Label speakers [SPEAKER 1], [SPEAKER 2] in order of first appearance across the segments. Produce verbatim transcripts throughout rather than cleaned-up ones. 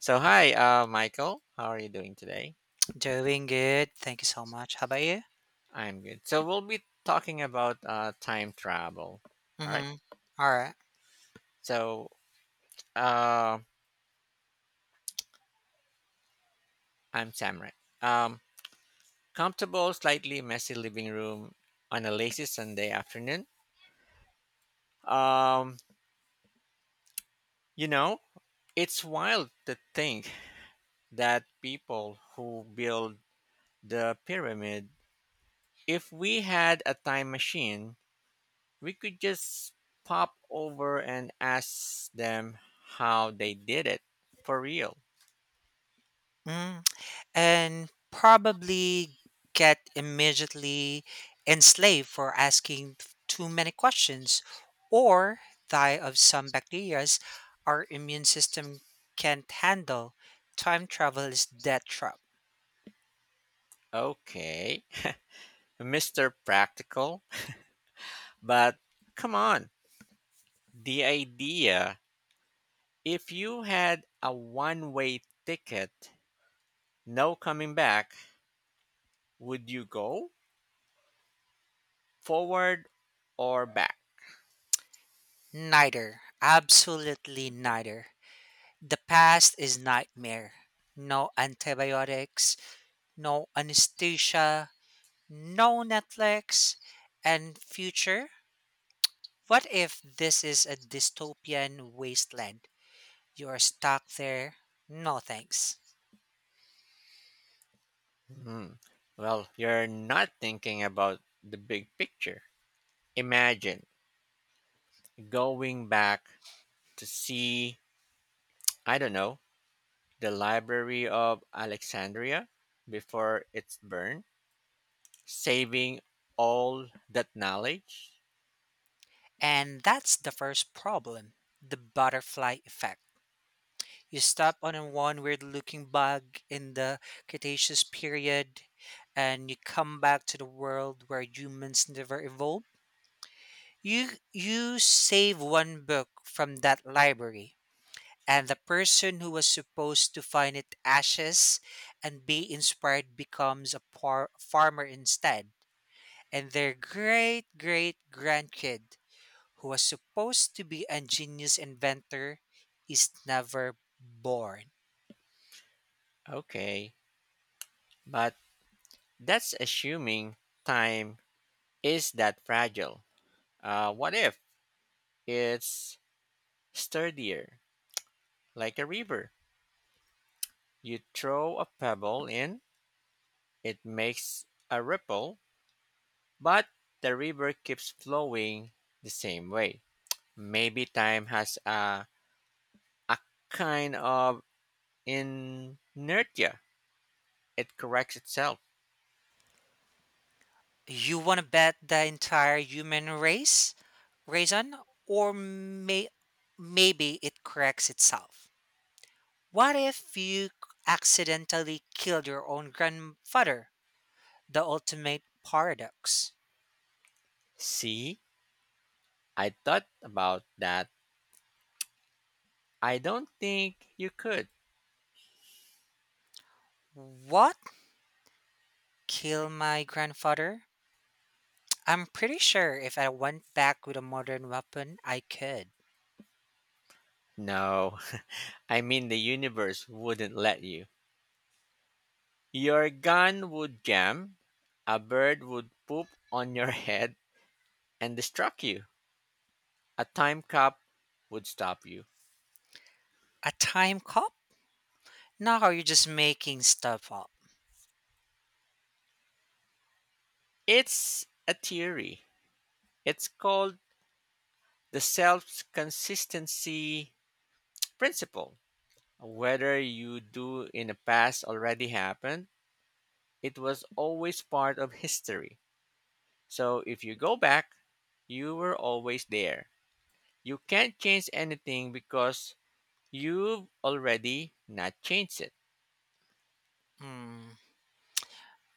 [SPEAKER 1] So hi, uh, Michael. How are you doing today?
[SPEAKER 2] Doing good. Thank you so much. How about you?
[SPEAKER 1] I'm good. So we'll be talking about uh, time travel. All right.
[SPEAKER 2] Mm-hmm. All right.
[SPEAKER 1] So uh, I'm Samrat. Um, comfortable, slightly messy living room on a lazy Sunday afternoon. Um, you know, it's wild to think that people who build the pyramid, if we had a time machine, we could just pop over and ask them how they did it for real.
[SPEAKER 2] Mm. And probably get immediately enslaved for asking too many questions or die of some bacterias our immune system can't handle. Time travel is death trap.
[SPEAKER 1] Okay, Mister Practical, but come on. The idea if you had a one way ticket, no coming back, would you go forward or back?
[SPEAKER 2] Neither. Absolutely neither. The past is nightmare. No antibiotics, no anesthesia, no Netflix, and future. What if this is a dystopian wasteland? You're stuck there. No thanks.
[SPEAKER 1] Hmm. Well, you're not thinking about the big picture. Imagine going back to see, I don't know, the Library of Alexandria before it's burned, saving all that knowledge.
[SPEAKER 2] And that's the first problem the butterfly effect. You stop on one weird looking bug in the Cretaceous period, and you come back to the world where humans never evolved. You, you save one book from that library, and the person who was supposed to find it ashes and be inspired becomes a par- farmer instead. And their great great grandkid, who was supposed to be a genius inventor, is never born.
[SPEAKER 1] Okay, but that's assuming time is that fragile. Uh, what if it's sturdier, like a river? You throw a pebble in, it makes a ripple, but the river keeps flowing the same way. Maybe time has a, a kind of inertia. It corrects itself.
[SPEAKER 2] You want to bet the entire human race, Raisin, or may- maybe it corrects itself? What if you accidentally killed your own grandfather? The ultimate paradox.
[SPEAKER 1] See? I thought about that. I don't think you could.
[SPEAKER 2] What killed my grandfather? I'm pretty sure if I went back with a modern weapon, I could.
[SPEAKER 1] No, I mean the universe wouldn't let you. Your gun would jam, a bird would poop on your head and distract you. A time cop would stop you.
[SPEAKER 2] A time cop? Now are you just making stuff up?
[SPEAKER 1] It's a theory. It's called the self consistency principle. Whether you do in the past already happened, it was always part of history. So if you go back, you were always there. You can't change anything because you've already not changed it.
[SPEAKER 2] Hmm,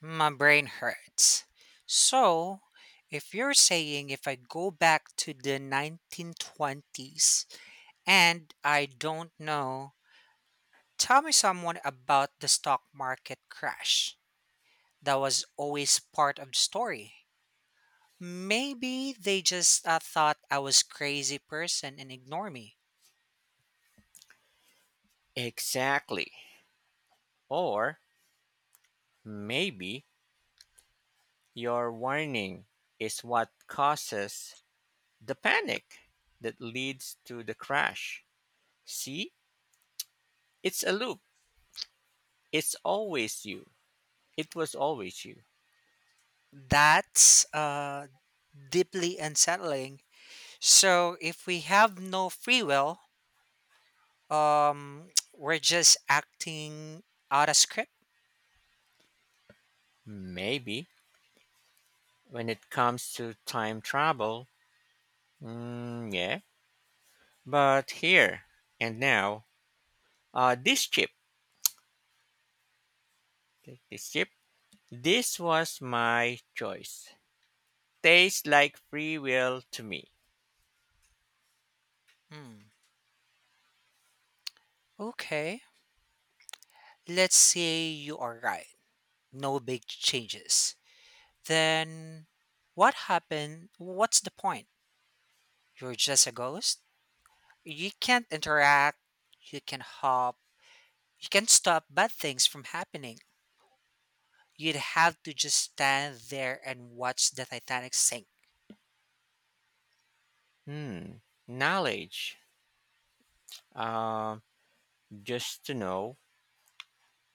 [SPEAKER 2] my brain hurts. So, if you're saying if I go back to the nineteen twenties and I don't know, tell me someone about the stock market crash that was always part of the story. Maybe they just uh, thought I was crazy person and ignore me.
[SPEAKER 1] Exactly. Or maybe your warning is what causes the panic that leads to the crash. See? It's a loop. It's always you. It was always you.
[SPEAKER 2] That's uh, deeply unsettling. So if we have no free will, um, we're just acting out of script.
[SPEAKER 1] Maybe when it comes to time travel, mm, yeah. But here and now, Uh, this chip, take this chip, this was my choice. Tastes like free will to me.
[SPEAKER 2] Hmm. Okay. Let's say you are right. No big changes. Then what happened? What's the point? You're just a ghost. You can't interact. You can hop You can't stop bad things from happening. You'd have to just stand there and watch the Titanic sink.
[SPEAKER 1] Hmm. Knowledge. Uh, just to know,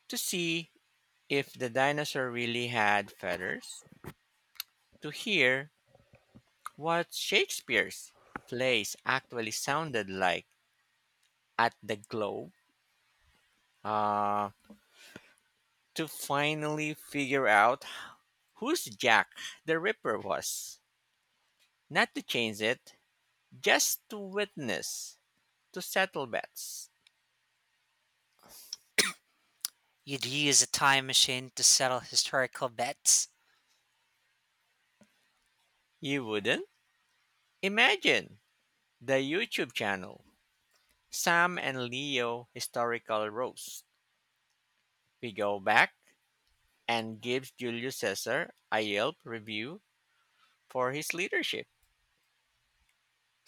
[SPEAKER 1] to see if the dinosaur really had feathers, to hear what Shakespeare's plays actually sounded like at the Globe, uh, to finally figure out whose Jack the Ripper was. Not to change it, just to witness, to settle bets.
[SPEAKER 2] You'd use a time machine to settle historical bets.
[SPEAKER 1] You wouldn't? Imagine the YouTube channel Sam and Leo Historical Roast. We go back and gives Julius Caesar a Yelp review for his leadership.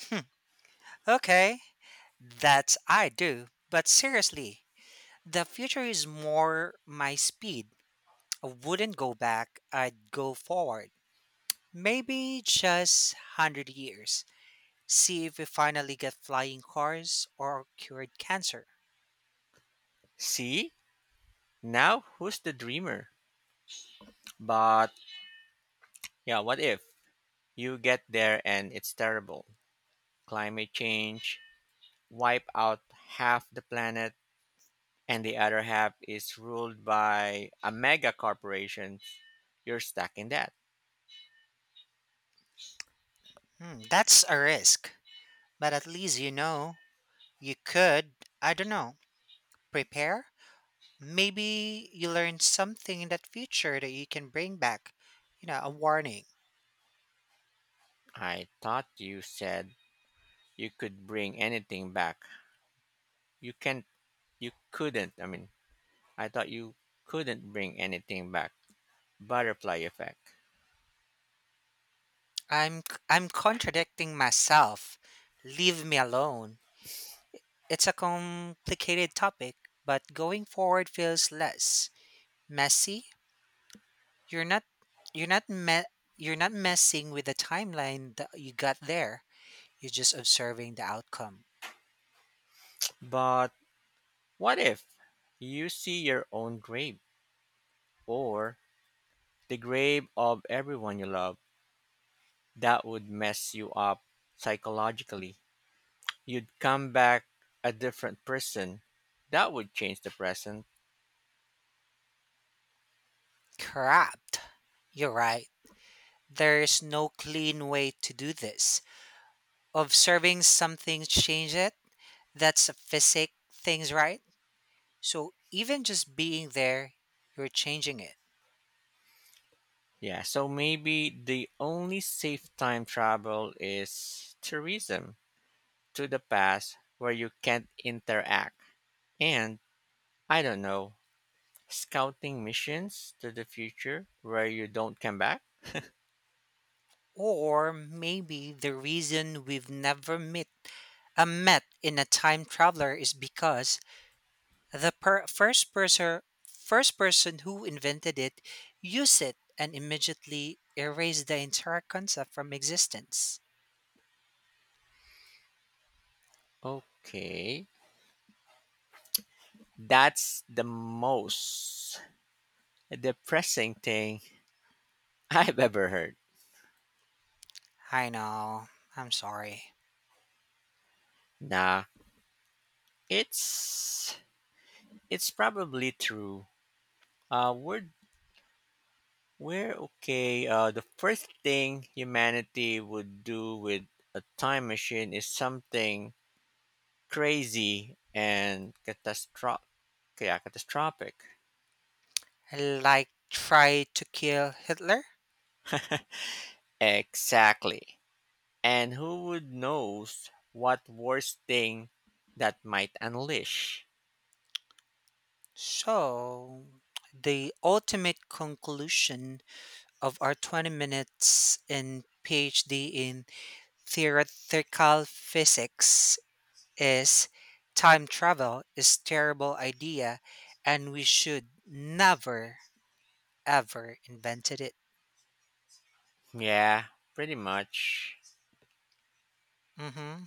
[SPEAKER 2] Hmm, okay, that's I do. But seriously, the future is more my speed. I wouldn't go back, I'd go forward. Maybe just one hundred years. See if we finally get flying cars or cured cancer.
[SPEAKER 1] See? Now who's the dreamer? But yeah, what if you get there and it's terrible? Climate change, wipe out half the planet, and the other half is ruled by a mega corporation. You're stuck in that.
[SPEAKER 2] Hmm, that's a risk, but at least you know. You could, I don't know, prepare. Maybe you learn something in that future that you can bring back. You know, a warning.
[SPEAKER 1] I thought you said you could bring anything back. You can't, you couldn't. I mean, I thought you couldn't bring anything back. Butterfly effect.
[SPEAKER 2] I'm c- I'm contradicting myself. Leave me alone. It's a complicated topic, but going forward feels less messy. You're not you're not me- you're not messing with the timeline that you got there. You're just observing the outcome.
[SPEAKER 1] But what if you see your own grave or the grave of everyone you love? That would mess you up psychologically. You'd come back a different person. That would change the present.
[SPEAKER 2] Crap. You're right. There's no clean way to do this. Observing something change it. That's a physic things, right? So even just being there, you're changing it.
[SPEAKER 1] Yeah, so maybe the only safe time travel is tourism, to the past where you can't interact. And I don't know, scouting missions to the future where you don't come back.
[SPEAKER 2] Or maybe the reason we've never met a met in a time traveler is because the per- first person first person who invented it used it and immediately erased the entire concept from existence.
[SPEAKER 1] Okay. That's the most depressing thing I've ever heard.
[SPEAKER 2] I know. I'm sorry.
[SPEAKER 1] Nah, it's it's probably true. Uh we're we're okay. Uh the first thing humanity would do with a time machine is something crazy and catastro- yeah, catastrophic.
[SPEAKER 2] Like try to kill Hitler.
[SPEAKER 1] Exactly. And who would knows what worst thing that might unleash?
[SPEAKER 2] So, the ultimate conclusion of our twenty minutes in PhD in theoretical physics is time travel is terrible idea and we should never ever invented it.
[SPEAKER 1] Yeah, pretty much.
[SPEAKER 2] Hmm.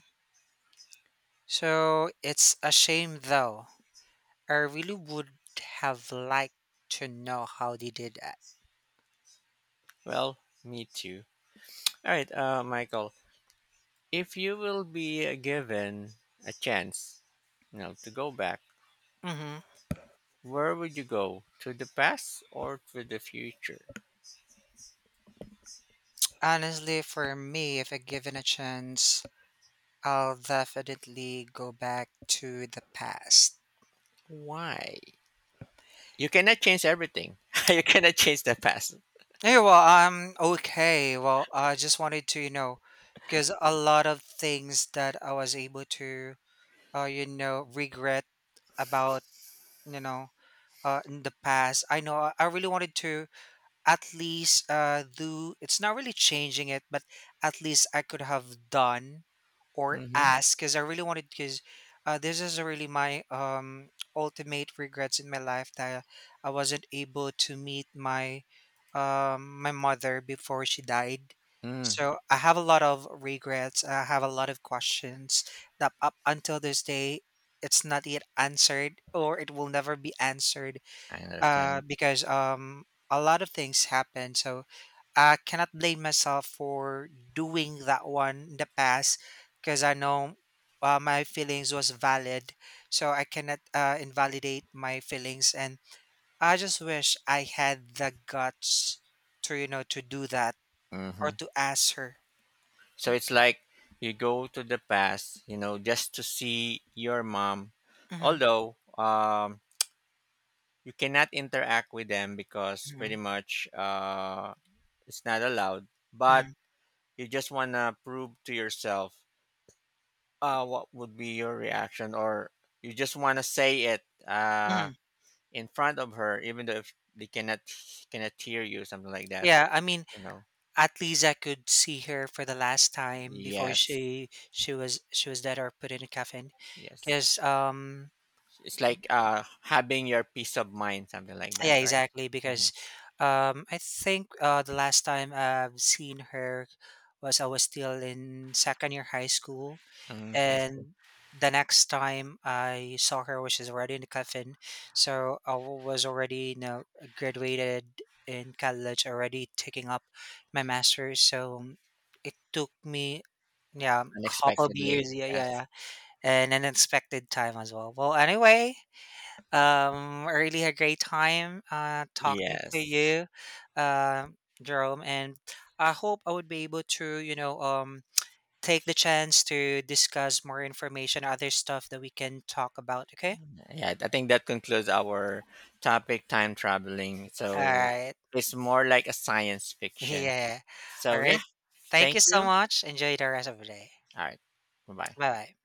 [SPEAKER 2] So, it's a shame though. I really would have liked to know how they did that.
[SPEAKER 1] Well, me too. All right, uh, Michael, if you will be uh, given a chance, you know, to go back,
[SPEAKER 2] Hmm.
[SPEAKER 1] where would you go? To the past or to the future?
[SPEAKER 2] Honestly, for me, if I given a chance, I'll definitely go back to the past.
[SPEAKER 1] Why? You cannot change everything. You cannot change the past.
[SPEAKER 2] Hey, well, I'm okay. Well, I just wanted to, you know, because a lot of things that I was able to, uh, you know, regret about, you know, uh, in the past. I know I I really wanted to at least uh do it's not really changing it but at least I could have done or
[SPEAKER 1] Hmm.
[SPEAKER 2] asked because I really wanted because uh, this is really my um ultimate regrets in my life that I wasn't able to meet my um my mother before she died
[SPEAKER 1] Mm,
[SPEAKER 2] so I have a lot of regrets I have a lot of questions that up until this day it's not yet answered or it will never be answered
[SPEAKER 1] I
[SPEAKER 2] uh,
[SPEAKER 1] understand.
[SPEAKER 2] because um, a lot of things happen. So I cannot blame myself for doing that one in the past because I know uh, my feelings was valid. So I cannot uh, invalidate my feelings. And I just wish I had the guts to, you know, to do that or
[SPEAKER 1] Hmm.
[SPEAKER 2] to ask her.
[SPEAKER 1] So it's like you go to the past, you know, just to see your mom.
[SPEAKER 2] Hmm.
[SPEAKER 1] Although um, you cannot interact with them because
[SPEAKER 2] Hmm.
[SPEAKER 1] pretty much uh, it's not allowed. But
[SPEAKER 2] Hmm.
[SPEAKER 1] you just wanna prove to yourself uh, what would be your reaction, or you just wanna say it uh,
[SPEAKER 2] Hmm.
[SPEAKER 1] in front of her, even though if they cannot cannot hear you, something like that.
[SPEAKER 2] Yeah, I mean,
[SPEAKER 1] You know.
[SPEAKER 2] at least I could see her for the last time before
[SPEAKER 1] Yes.
[SPEAKER 2] she she was she was dead or put in a coffin.
[SPEAKER 1] Yes.
[SPEAKER 2] Because um.
[SPEAKER 1] It's like uh having your peace of mind, something like
[SPEAKER 2] Yeah,
[SPEAKER 1] that, right?
[SPEAKER 2] exactly. Because um, I think uh, the last time I've seen her was I was still in second year high school,
[SPEAKER 1] Hmm, I see.
[SPEAKER 2] and the next time I saw her was she's already in the coffin. So I wa- was already you know graduated in college, already taking up my master's. So mm, it took me yeah couple of
[SPEAKER 1] Unexpectedly,
[SPEAKER 2] years yeah yeah
[SPEAKER 1] yes,
[SPEAKER 2] yeah and an unexpected time as well well anyway um, I really had a great time uh, talking to
[SPEAKER 1] yes,
[SPEAKER 2] you, uh, Jerome, and I hope I would be able to, you know, um, take the chance to discuss more information, other stuff that we can talk about. Okay.
[SPEAKER 1] yeah. I think that concludes our topic, time traveling.
[SPEAKER 2] All
[SPEAKER 1] So
[SPEAKER 2] right.
[SPEAKER 1] it's more like a science fiction.
[SPEAKER 2] Yeah. All
[SPEAKER 1] So
[SPEAKER 2] right.
[SPEAKER 1] yeah,
[SPEAKER 2] Thank you
[SPEAKER 1] thank
[SPEAKER 2] so
[SPEAKER 1] you.
[SPEAKER 2] much. Enjoy the rest of the day.
[SPEAKER 1] All right, bye bye.
[SPEAKER 2] Bye bye.